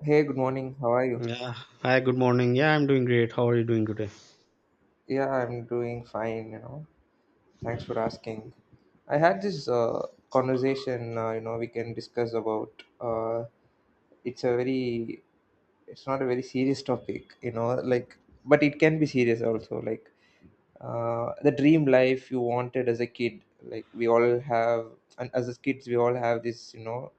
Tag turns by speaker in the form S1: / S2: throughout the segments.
S1: Hey, good morning. How are you?
S2: Yeah. Hi, good morning. Yeah, I'm doing great. How are you doing today?
S1: Yeah, I'm doing fine, you know. Thanks for asking. I had this conversation, you know, we can discuss about it's a very it's not a very serious topic, you know, like but it can be serious also, like the dream life you wanted as a kid. Like we all have, and as kids we all have this, you know,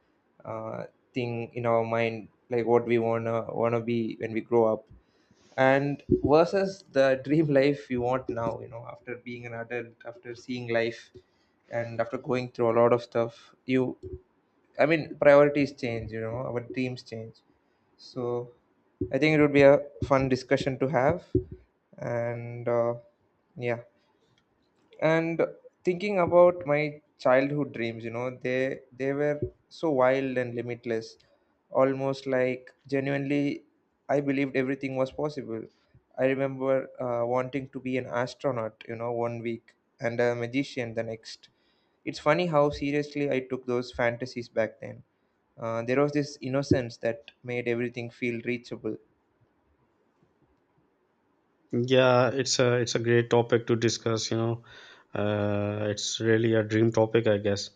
S1: uh, thing in our mind like what we wanna be when we grow up and versus the dream life you want now, you know, after being an adult, after seeing life, and after going through a lot of stuff. You, I mean, priorities change, you know, our dreams change. So I think it would be a fun discussion to have. And yeah. And thinking about my childhood dreams, you know, they were so wild and limitless, almost like, genuinely, I believed everything was possible. I remember wanting to be an astronaut, you know, one week, and a magician the next. It's funny how seriously I took those fantasies back then. There was this innocence that made everything feel reachable.
S2: Yeah, it's a great topic to discuss, you know. It's really a dream topic, I guess.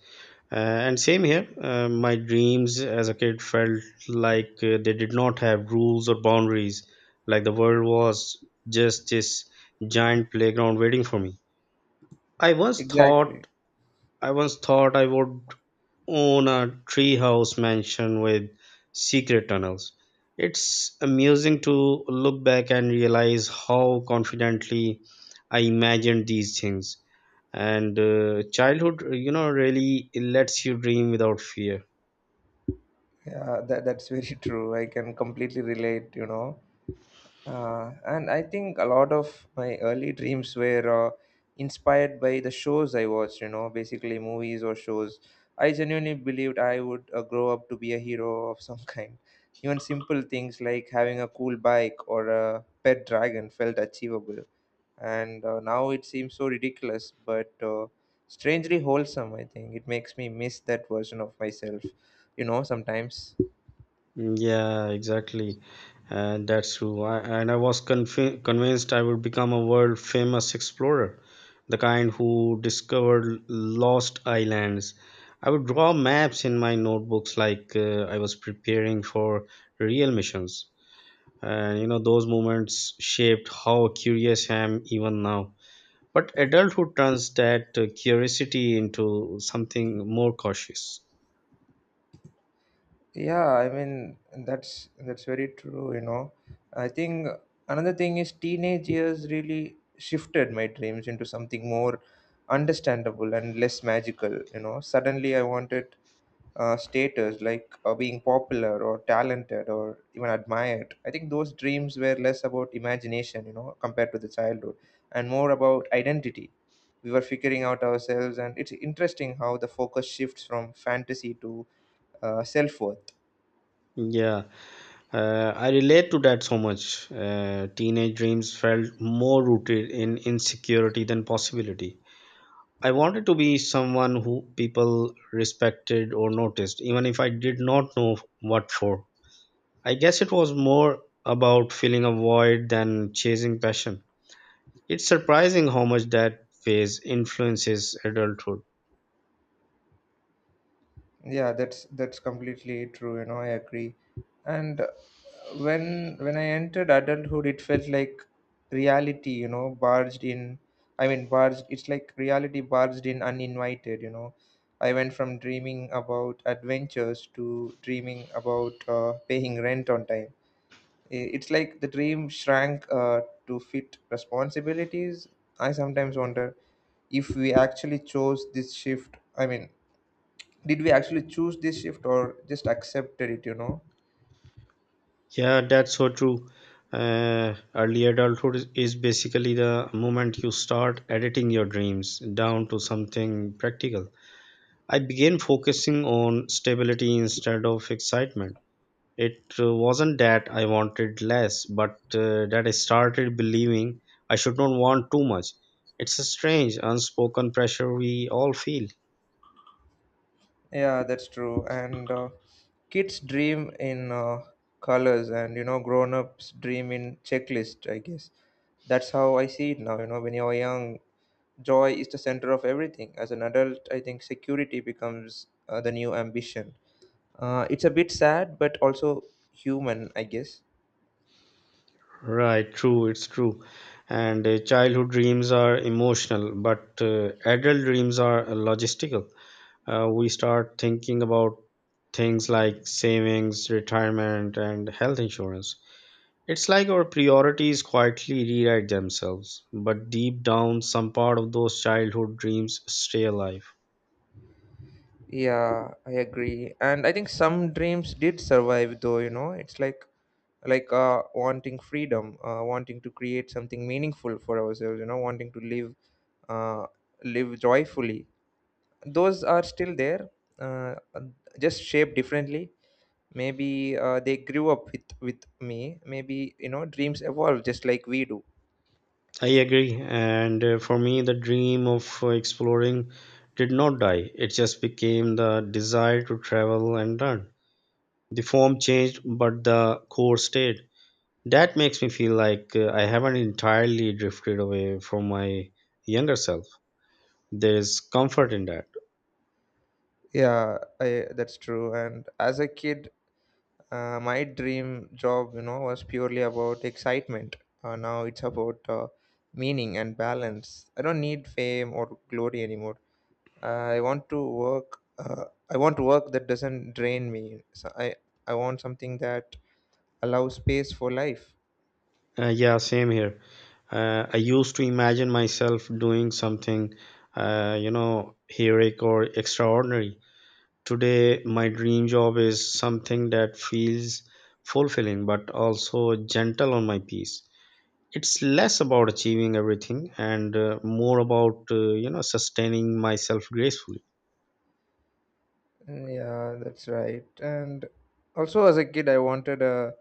S2: Uh, and same here. My dreams as a kid felt like they did not have rules or boundaries. Like the world was just this giant playground waiting for me. I once
S1: Exactly.
S2: thought I once thought I would own a treehouse mansion with secret tunnels. It's amusing to look back and realize how confidently I imagined these things. And childhood, you know, really lets you dream without fear.
S1: Yeah, that's very true, I can completely relate, you know. And I think a lot of my early dreams were inspired by the shows I watched, you know, basically movies or shows. I genuinely believed I would grow up to be a hero of some kind. Even simple things like having a cool bike or a pet dragon felt achievable. And now it seems so ridiculous, but strangely wholesome, I think. It makes me miss that version of myself, you know, sometimes.
S2: Mm, yeah, exactly. And that's true. And I was convinced I would become a world famous explorer, the kind who discovered lost islands. I would draw maps in my notebooks like I was preparing for real missions. And you know, those moments shaped how curious I am even now. But adulthood turns that curiosity into something more cautious.
S1: Yeah, I mean that's very true, you know. I think another thing is teenage years really shifted my dreams into something more understandable and less magical, you know. Suddenly I wanted status, like being popular or talented or even admired. I think those dreams were less about imagination, you know, compared to the childhood, and more about identity. We were figuring out ourselves, and it's interesting how the focus shifts from fantasy to self-worth.
S2: Yeah. I relate to that so much. Teenage dreams felt more rooted in insecurity than possibility. I wanted to be someone who people respected or noticed, even if I did not know what for. I guess it was more about filling a void than chasing passion. It's surprising how much that phase influences adulthood.
S1: Yeah, that's completely true. You know, I agree. And when I entered adulthood, it felt like reality. You know, barged in. I mean, barged. It's like reality barged in uninvited. You know, I went from dreaming about adventures to dreaming about paying rent on time. It's like the dream shrank to fit responsibilities. I sometimes wonder if we actually chose this shift. I mean, did we actually choose this shift or just accepted it, you know?
S2: Yeah, that's so true. Early adulthood is basically the moment you start editing your dreams down to something practical. I began focusing on stability instead of excitement. It wasn't that I wanted less, but that I started believing I should not want too much. It's a strange, unspoken pressure we all feel.
S1: Yeah, that's true. And kids dream in colors, and you know, grown-ups dream in checklist, I guess. That's how I see it now, you know. When you're young, joy is the center of everything. As an adult, I think security becomes the new ambition. It's a bit sad, but also human, I guess.
S2: Right, true, it's true. And childhood dreams are emotional, but adult dreams are logistical. We start thinking about things like savings, retirement, and health insurance. It's like our priorities quietly rewrite themselves, but deep down, some part of those childhood dreams stay alive.
S1: Yeah, I agree. And I think some dreams did survive though, you know. It's like wanting freedom, wanting to create something meaningful for ourselves, you know, wanting to live uh live joyfully. Those are still there, uh just shaped differently. Maybe they grew up with me. Maybe, you know, dreams evolve just like we do.
S2: I agree. And for me, the dream of exploring did not die, it just became the desire to travel and learn. The form changed, but the core stayed. That makes me feel like I haven't entirely drifted away from my younger self. There's comfort in that.
S1: Yeah, I that's true. And as a kid, my dream job, you know, was purely about excitement. Now it's about meaning and balance. I don't need fame or glory anymore. I want to work. I want work that doesn't drain me. So I want something that allows space for life.
S2: Yeah, same here. I used to imagine myself doing something, you know, heroic or extraordinary. Today, my dream job is something that feels fulfilling but also gentle on my peace. It's less about achieving everything and more about you know, sustaining myself gracefully.
S1: Yeah, that's right. And also as a kid, I wanted a,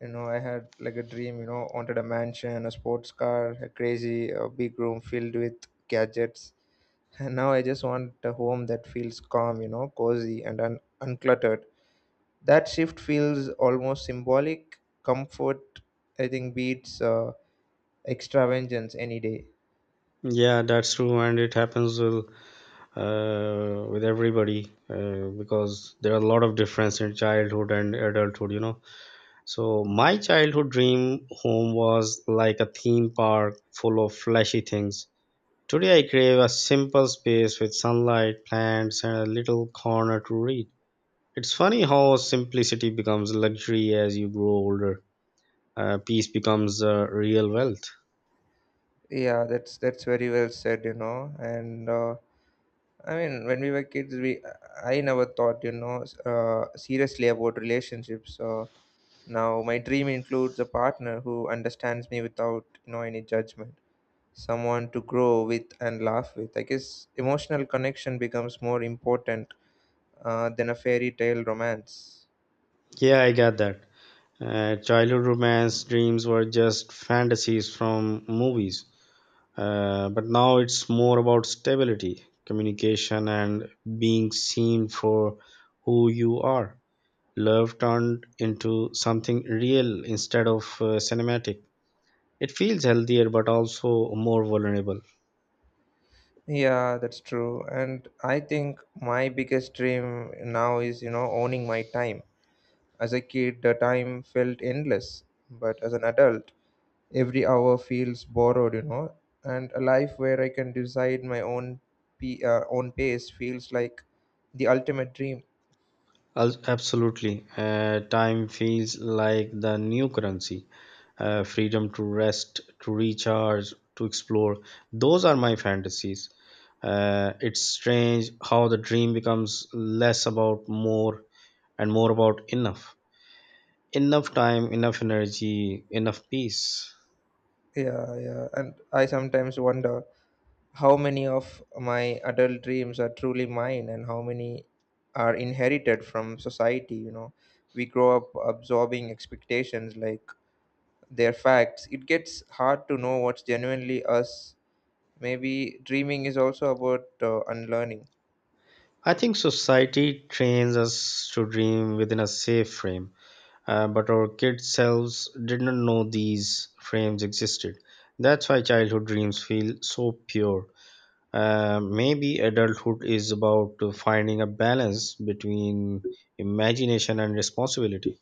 S1: you know, I had like a dream, you know, wanted a mansion, a sports car, a crazy, a big room filled with gadgets. Now I just want a home that feels calm, you know, cozy and uncluttered. That shift feels almost symbolic. Comfort, I think, beats extravagance any day.
S2: Yeah, that's true, and it happens with everybody because there are a lot of difference in childhood and adulthood, you know. So my childhood dream home was like a theme park full of flashy things. Today I crave a simple space with sunlight, plants, and a little corner to read. It's funny how simplicity becomes luxury as you grow older. Peace becomes real wealth.
S1: Yeah, that's very well said, you know. And I mean, when we were kids, we I never thought, you know, seriously about relationships. Now my dream includes a partner who understands me without, you know, any judgment. Someone to grow with and laugh with. I guess emotional connection becomes more important than a fairy tale romance.
S2: Yeah, I get that. Childhood romance dreams were just fantasies from movies. But now it's more about stability, communication, and being seen for who you are. Love turned into something real instead of cinematic. It feels healthier but also more vulnerable.
S1: Yeah, that's true. And I think my biggest dream now is, you know, owning my time. As a kid, the time felt endless, but as an adult, every hour feels borrowed, you know. And a life where I can decide my own own pace feels like the ultimate dream.
S2: Absolutely. Time feels like the new currency. Freedom to rest, to recharge, to explore. Those are my fantasies. It's strange how the dream becomes less about more and more about enough. Enough time, enough energy, enough peace.
S1: Yeah, yeah. And I sometimes wonder how many of my adult dreams are truly mine, and how many are inherited from society, you know. We grow up absorbing expectations like they're facts. It gets hard to know what's genuinely us. Maybe dreaming is also about unlearning.
S2: I think society trains us to dream within a safe frame. But our kid selves did not know these frames existed. That's why childhood dreams feel so pure. Maybe adulthood is about finding a balance between imagination and responsibility.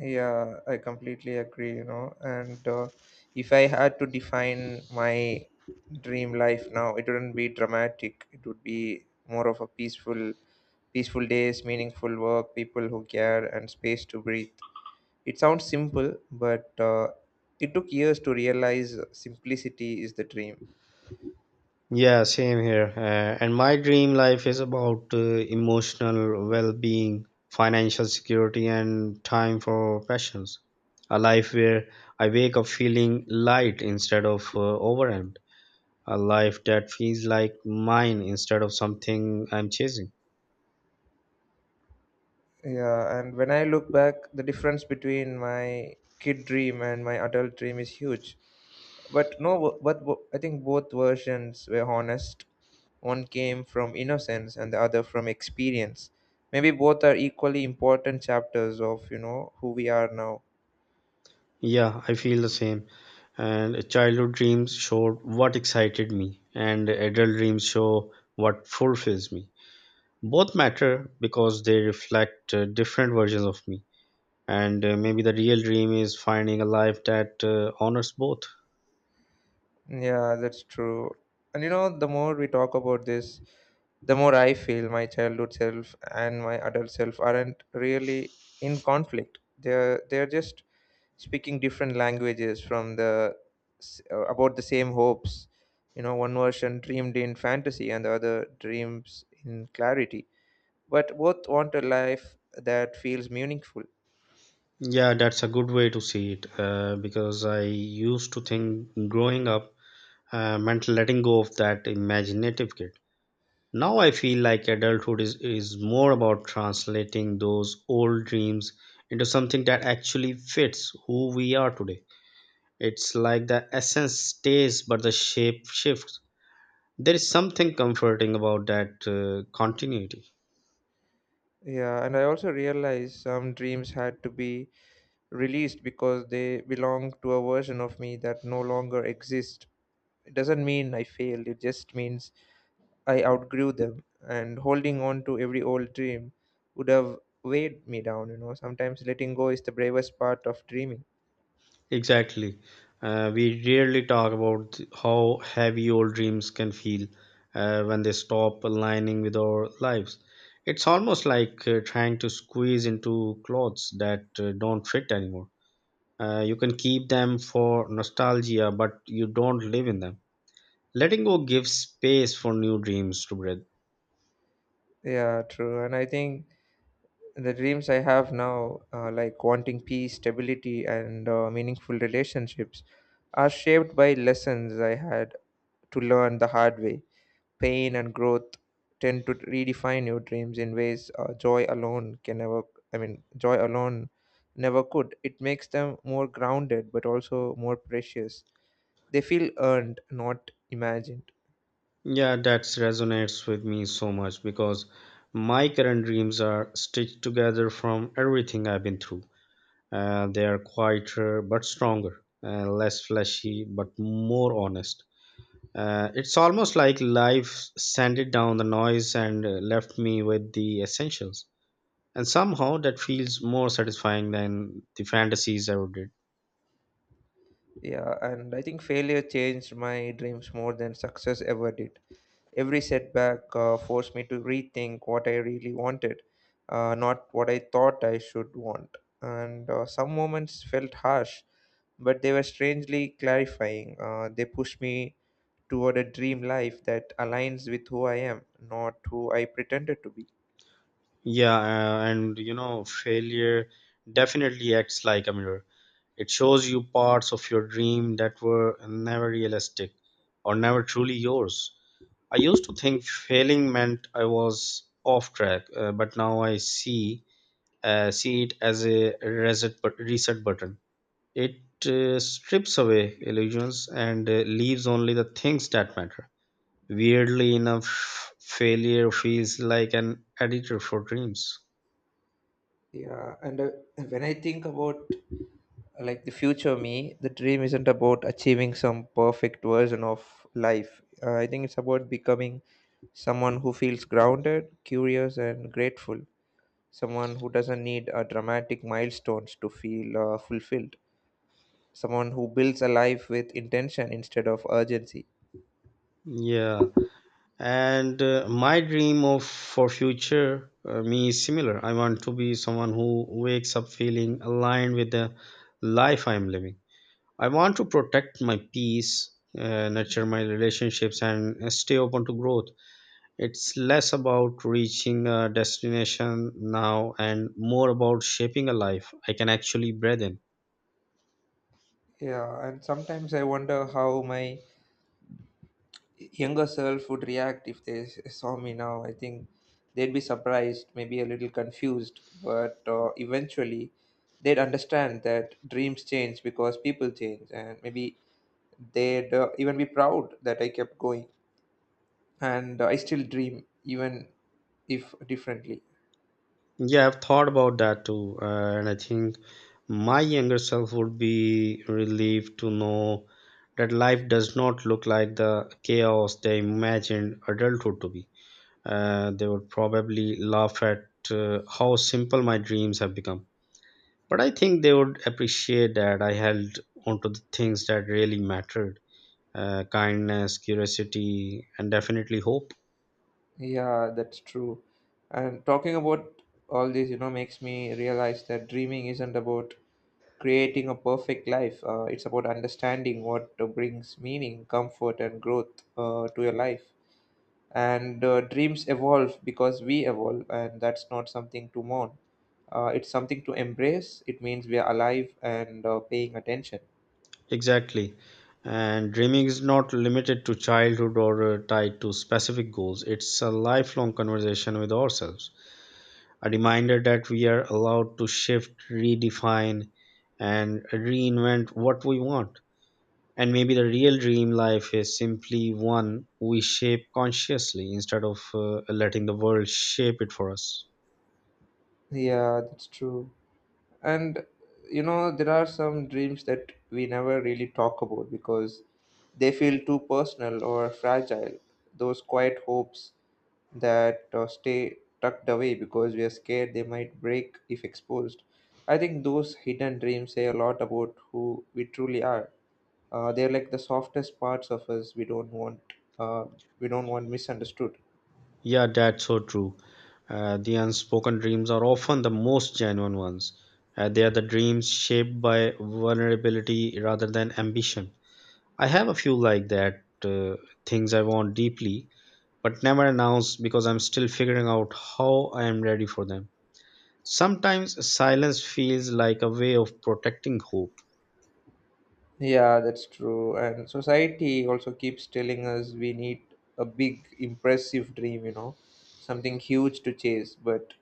S1: Yeah, I completely agree, you know. And if I had to define my dream life now, it wouldn't be dramatic. It would be more of a peaceful days, meaningful work, people who care, and space to breathe. It sounds simple, but it took years to realize simplicity is the dream.
S2: Yeah, same here. And my dream life is about emotional well being, financial security, and time for passions. A life where I wake up feeling light instead of overwhelmed. A life that feels like mine instead of something I'm chasing.
S1: Yeah, and when I look back, the difference between my kid dream and my adult dream is huge. But no, but I think both versions were honest. One came from innocence and the other from experience. Maybe both are equally important chapters of, you know, who we are now.
S2: Yeah, I feel the same. And childhood dreams showed what excited me, and adult dreams show what fulfills me. Both matter because they reflect different versions of me. And maybe the real dream is finding a life that honors both.
S1: Yeah, that's true. And you know, the more we talk about this, the more I feel my childhood self and my adult self aren't really in conflict. They're just speaking different languages from the about the same hopes. You know, one version dreamed in fantasy and the other dreams in clarity. But both want a life that feels meaningful.
S2: Yeah, that's a good way to see it because I used to think growing up meant letting go of that imaginative kid. Now I feel like adulthood is more about translating those old dreams into something that actually fits who we are today. It's like the essence stays, but the shape shifts. There is something comforting about that continuity.
S1: Yeah, and I also realized some dreams had to be released because they belong to a version of me that no longer exists. It doesn't mean I failed, it just means I outgrew them. And holding on to every old dream would have weighed me down, you know. Sometimes letting go is the bravest part of dreaming.
S2: Exactly. We rarely talk about how heavy old dreams can feel when they stop aligning with our lives. It's almost like trying to squeeze into clothes that don't fit anymore. You can keep them for nostalgia, but you don't live in them. Letting go gives space for new dreams to breathe.
S1: Yeah, true. And I think the dreams I have now, like wanting peace, stability, and meaningful relationships, are shaped by lessons I had to learn the hard way. Pain and growth tend to redefine your dreams in ways joy alone can never, I mean, joy alone never could. It makes them more grounded, but also more precious. They feel earned, not imagined.
S2: Yeah, that resonates with me so much because my current dreams are stitched together from everything I've been through. They are quieter but stronger, less fleshy but more honest. It's almost like life sent it down the noise and left me with the essentials. And somehow that feels more satisfying than the fantasies ever did.
S1: Yeah, and I think failure changed my dreams more than success ever did. Every setback forced me to rethink what I really wanted, not what I thought I should want. And some moments felt harsh, but they were strangely clarifying. They pushed me toward a dream life that aligns with who I am, not who I pretended to be.
S2: Yeah, and you know, failure definitely acts like a mirror. It shows you parts of your dream that were never realistic or never truly yours. I used to think failing meant I was off track, but now I see see it as a reset, reset button. It strips away illusions and leaves only the things that matter. Weirdly enough, failure feels like an editor for dreams.
S1: Yeah, and when I think about like the future me, the dream isn't about achieving some perfect version of life. I think it's about becoming someone who feels grounded, curious, and grateful. Someone who doesn't need dramatic milestones to feel fulfilled. Someone who builds a life with intention instead of urgency.
S2: Yeah, and my dream of for future me is similar. I want to be someone who wakes up feeling aligned with the life I am living. I want to protect my peace, nurture my relationships, and stay open to growth. It's less about reaching a destination now and more about shaping a life I can actually breathe in.
S1: Yeah, and sometimes I wonder how my younger self would react if they saw me now. I think they'd be surprised, maybe a little confused, but eventually they'd understand that dreams change because people change, and maybe they'd even be proud that I kept going and I still dream, even if differently.
S2: Yeah, I've thought about that too, and I think my younger self would be relieved to know that life does not look like the chaos they imagined adulthood to be. They would probably laugh at how simple my dreams have become. But I think they would appreciate that I held onto the things that really mattered, kindness, curiosity, and definitely hope.
S1: Yeah, that's true. And talking about all this, you know, makes me realize that dreaming isn't about creating a perfect life. It's about understanding what brings meaning, comfort, and growth to your life. And dreams evolve because we evolve, and that's not something to mourn. It's something to embrace. It means we are alive and paying attention.
S2: Exactly. And dreaming is not limited to childhood or tied to specific goals. It's a lifelong conversation with ourselves, a reminder that we are allowed to shift, redefine, and reinvent what we want. And maybe the real dream life is simply one we shape consciously instead of letting the world shape it for us.
S1: Yeah, that's true. And you know, there are some dreams that we never really talk about because they feel too personal or fragile. Those quiet hopes that stay tucked away because we are scared they might break if exposed. I think those hidden dreams say a lot about who we truly are. They're like the softest parts of us we don't want uh, misunderstood.
S2: Yeah, that's so true. The unspoken dreams are often the most genuine ones. They are the dreams shaped by vulnerability rather than ambition. I have a few like that, things I want deeply, but never announce because I'm still figuring out how I am ready for them. Sometimes silence feels like a way of protecting hope.
S1: Yeah, that's true. And society also keeps telling us we need a big, impressive dream, you know, something huge to chase. But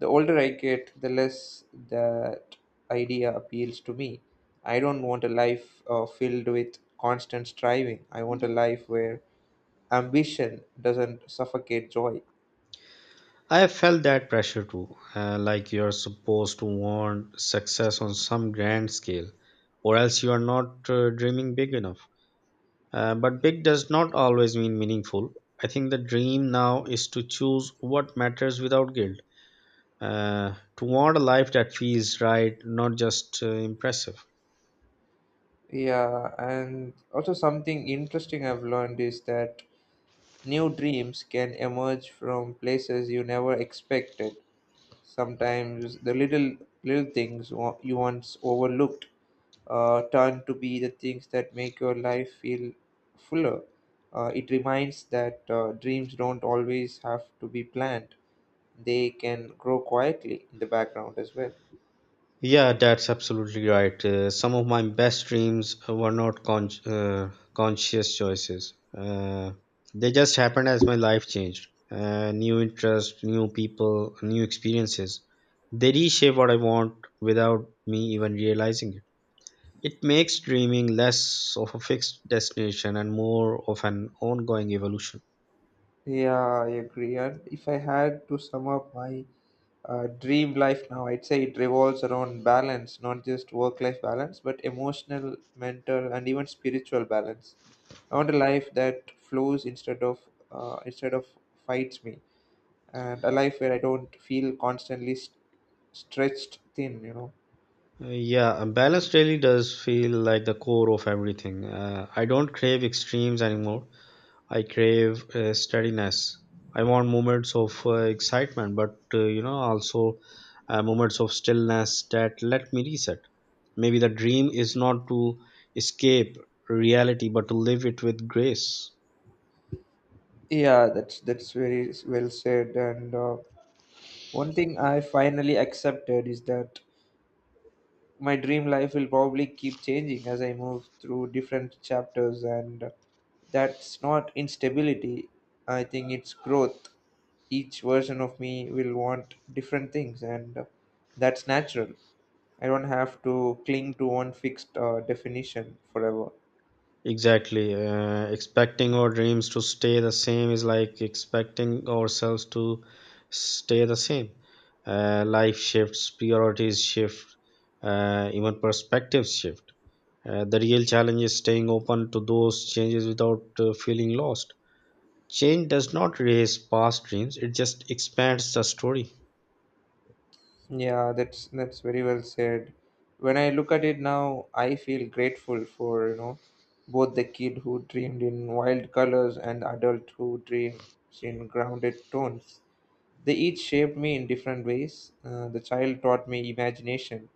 S1: the older I get, the less that idea appeals to me. I don't want a life filled with constant striving. I want a life where ambition doesn't suffocate joy.
S2: I felt that pressure too, like you're supposed to want success on some grand scale, or else you are not dreaming big enough. But big does not always mean meaningful. I think the dream now is to choose what matters without guilt, to want a life that feels right, not just impressive.
S1: Yeah, and also something interesting I've learned is that new dreams can emerge from places you never expected. Sometimes the little things you once overlooked turn to be the things that make your life feel fuller. It reminds that dreams don't always have to be planned; they can grow quietly in the background as well.
S2: Yeah, that's absolutely right. Some of my best dreams were not conscious choices. They just happened as my life changed. New interests, new people, new experiences. They reshape what I want without me even realizing it. It makes dreaming less of a fixed destination and more of an ongoing evolution.
S1: Yeah, I agree. And if I had to sum up my dream life now, I'd say it revolves around balance, not just work life balance, but emotional, mental, and even spiritual balance. I want a life that flows instead of fights me, and a life where I don't feel constantly stretched thin, you know.
S2: Yeah, a balanced daily does feel like the core of everything. I don't crave extremes anymore. I crave steadiness. I want moments of excitement, but you know, also moments of stillness that let me reset. Maybe the dream is not to escape reality, but to live it with grace.
S1: Yeah, that's very well said. And one thing I finally accepted is that my dream life will probably keep changing as I move through different chapters, and that's not instability. I think it's growth. Each version of me will want different things, and that's natural. I don't have to cling to one fixed definition forever.
S2: Exactly. Expecting our dreams to stay the same is like expecting ourselves to stay the same. Life shifts, priorities shift, even perspectives shift. The real challenge is staying open to those changes without feeling lost. Change does not erase past dreams, it just expands the story.
S1: Yeah, that's very well said. When I look at it now, I feel grateful for, you know, both the kid who dreamed in wild colors and the adult who dreams in grounded tones. They each shaped me in different ways. The child taught me imagination,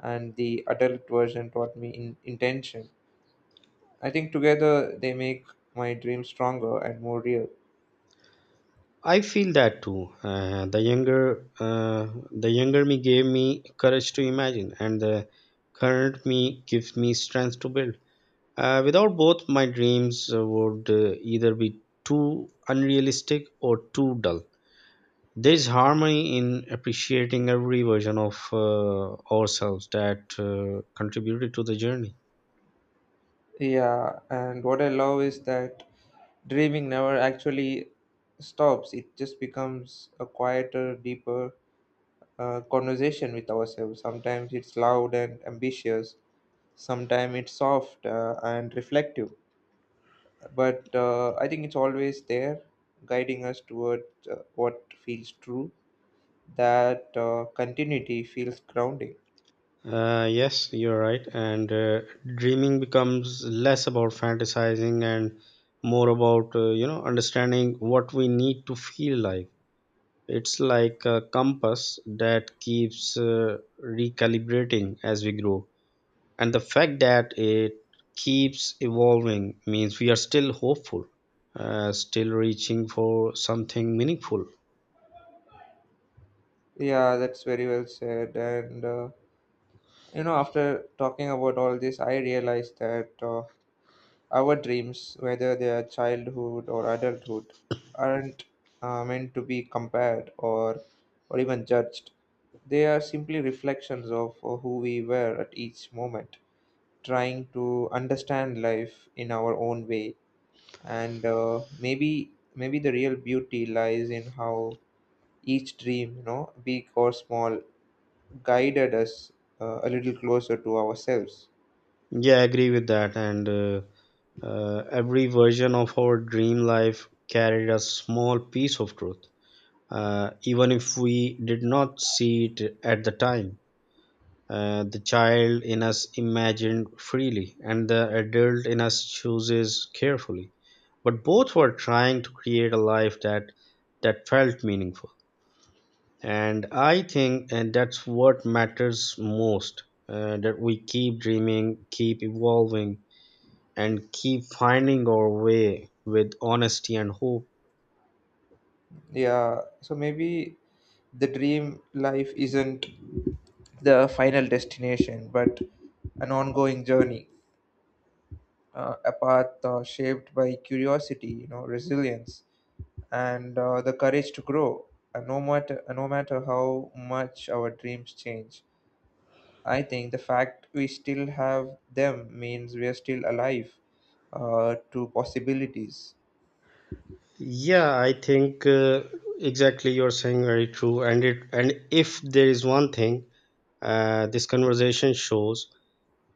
S1: and the adult version taught me in intention. I think together they make my dream stronger and more real.
S2: I feel that too. Uh, the younger me gave me courage to imagine, and the current me gives me strength to build. Without both, my dreams would either be too unrealistic or too dull. There's harmony in appreciating every version of ourselves that contributed to the journey.
S1: Yeah, and what I love is that dreaming never actually stops. It just becomes a quieter, deeper conversation with ourselves. Sometimes it's loud and ambitious, sometimes it's soft and reflective. But I think it's always there, guiding us toward what feels true. That continuity feels grounding.
S2: Yes, you're right. And dreaming becomes less about fantasizing and more about, you know, understanding what we need to feel like. It's like a compass that keeps recalibrating as we grow. And the fact that it keeps evolving means we are still hopeful, still reaching for something meaningful.
S1: Yeah, that's very well said. And you know, after talking about all this, I realized that our dreams, whether they are childhood or adulthood, aren't meant to be compared or even judged. They are simply reflections of who we were at each moment, trying to understand life in our own way. And maybe the real beauty lies in how each dream, you know, big or small, guided us a little closer to ourselves.
S2: Yeah, I agree with that. And every version of our dream life carried a small piece of truth, even if we did not see it at the time. The child in us imagined freely, and the adult in us chooses carefully. But both were trying to create a life that felt meaningful. And I think and that's what matters most. That we keep dreaming, keep evolving, and keep finding our way with honesty and hope.
S1: Yeah, so maybe the dream life isn't the final destination, but an ongoing journey, a path shaped by curiosity, you know, resilience, and the courage to grow. And no matter how much our dreams change, I think the fact we still have them means we are still alive to possibilities.
S2: Yeah, I think exactly you're saying very true. And if there is one thing this conversation shows,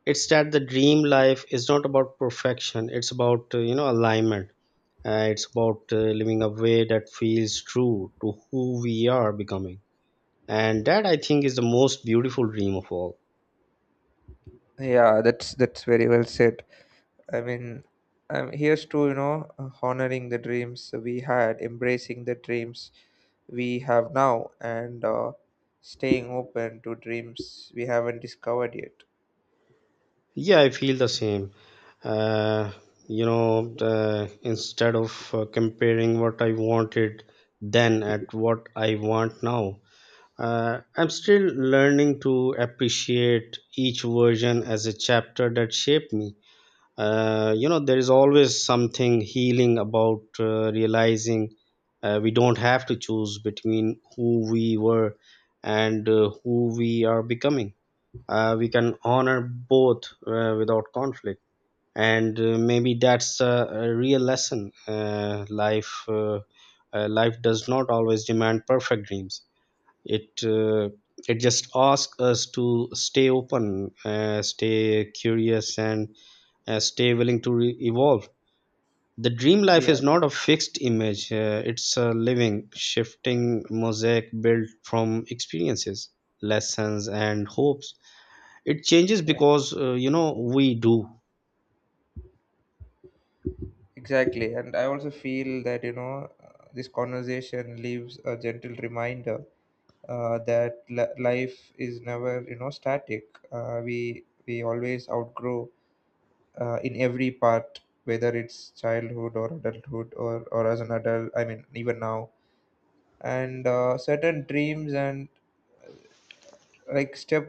S2: it's that the dream life is not about perfection, it's about you know, alignment. It's about living a way that feels true to who we are becoming, and that, I think, is the most beautiful dream of all.
S1: Yeah, that's very well said. I mean, here's to, you know, honoring the dreams we had, embracing the dreams we have now, and staying open to dreams we haven't discovered yet.
S2: Yeah, I feel the same. uh, Instead of comparing what I wanted then at what I want now, I'm still learning to appreciate each version as a chapter that shaped me. You know, there is always something healing about realizing we don't have to choose between who we were and who we are becoming. We can honor both without conflict. And maybe that's a real lesson. Uh, life does not always demand perfect dreams, it it just asks us to stay open, stay curious, and stay willing to evolve. The dream life
S1: Yeah,
S2: is not a fixed image, it's a living, shifting mosaic built from experiences, lessons and hopes. It changes
S1: yeah,
S2: because you know, we do.
S1: exactly. And I also feel that, you know, this conversation leaves a gentle reminder that life is never, you know, static. We always outgrow in every part, whether it's childhood or adulthood or as an adult, I mean, even now, and certain dreams and like step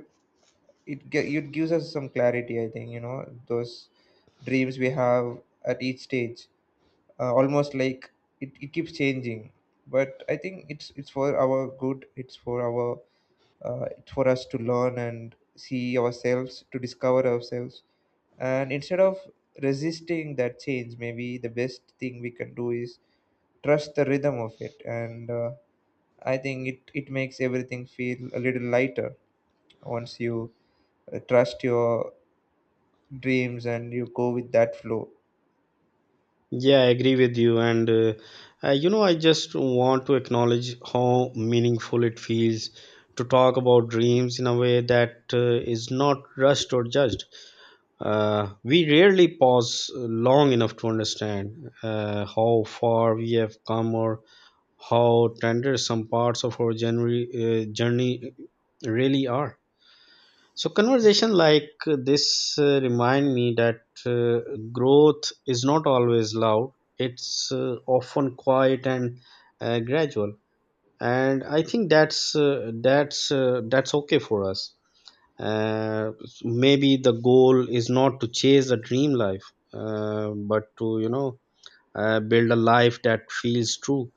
S1: it gives us some clarity, I think, you know, those dreams we have at each stage, almost like it keeps changing. But I think it's for our good, it's for our it's for us to learn and see ourselves, to discover ourselves. And instead of resisting that change, maybe the best thing we can do is trust the rhythm of it. And I think it makes everything feel a little lighter once you trust your dreams and you go with that flow.
S2: Yeah, I agree with you. And you know, I just want to acknowledge how meaningful it feels to talk about dreams in a way that is not rushed or judged. We rarely pause long enough to understand how far we have come or how tender some parts of our journey really are. So conversation like this remind me that growth is not always loud. It's often quiet and gradual, and I think that's that's okay for us. Uh, Maybe the goal is not to chase a dream life, but to you know, build a life that feels true.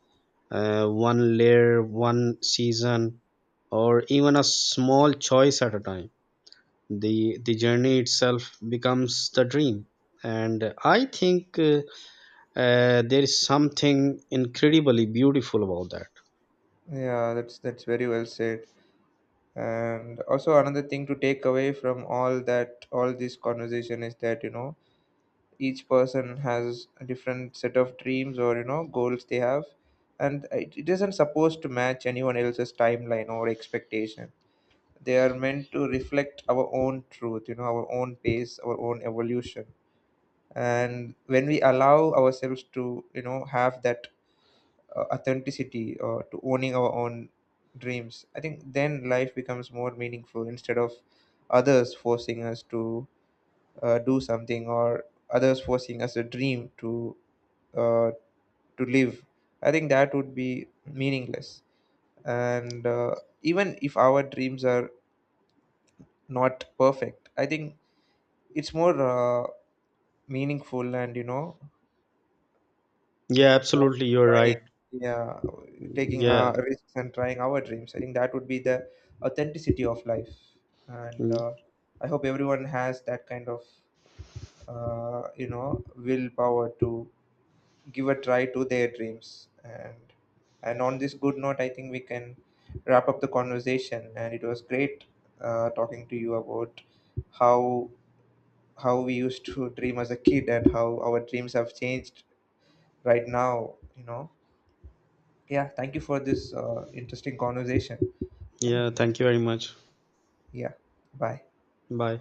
S2: One layer, one season, or even a small choice at a time. The journey itself becomes the dream, and I think there is something incredibly beautiful about that.
S1: Yeah, that's very well said. And also another thing to take away from all this conversation is that, you know, each person has a different set of dreams or, you know, goals they have, and it isn't supposed to match anyone else's timeline or expectation. They are meant to reflect our own truth, you know, our own pace, our own evolution. And when we allow ourselves to, you know, have that authenticity or to owning our own dreams, I think then life becomes more meaningful, instead of others forcing us to do something, or others forcing us a dream uh, to live, I think that would be meaningless. And even if our dreams are not perfect, I think it's more meaningful and, you know,
S2: Yeah,
S1: worth
S2: absolutely, you're
S1: trying.
S2: right.
S1: Yeah, taking
S2: Yeah.
S1: risks and trying our dreams. I think that would be the authenticity of life. And
S2: Mm,
S1: uh, I hope everyone has that kind of you know, willpower to give a try to their dreams, and on this good note, I think we can wrap up the conversation. And it was great talking to you about how how we used to dream as a kid and how our dreams have changed right now, you know. Yeah, thank you for this interesting conversation.
S2: yeah,
S1: And
S2: thank you very much.
S1: yeah, bye.
S2: Bye.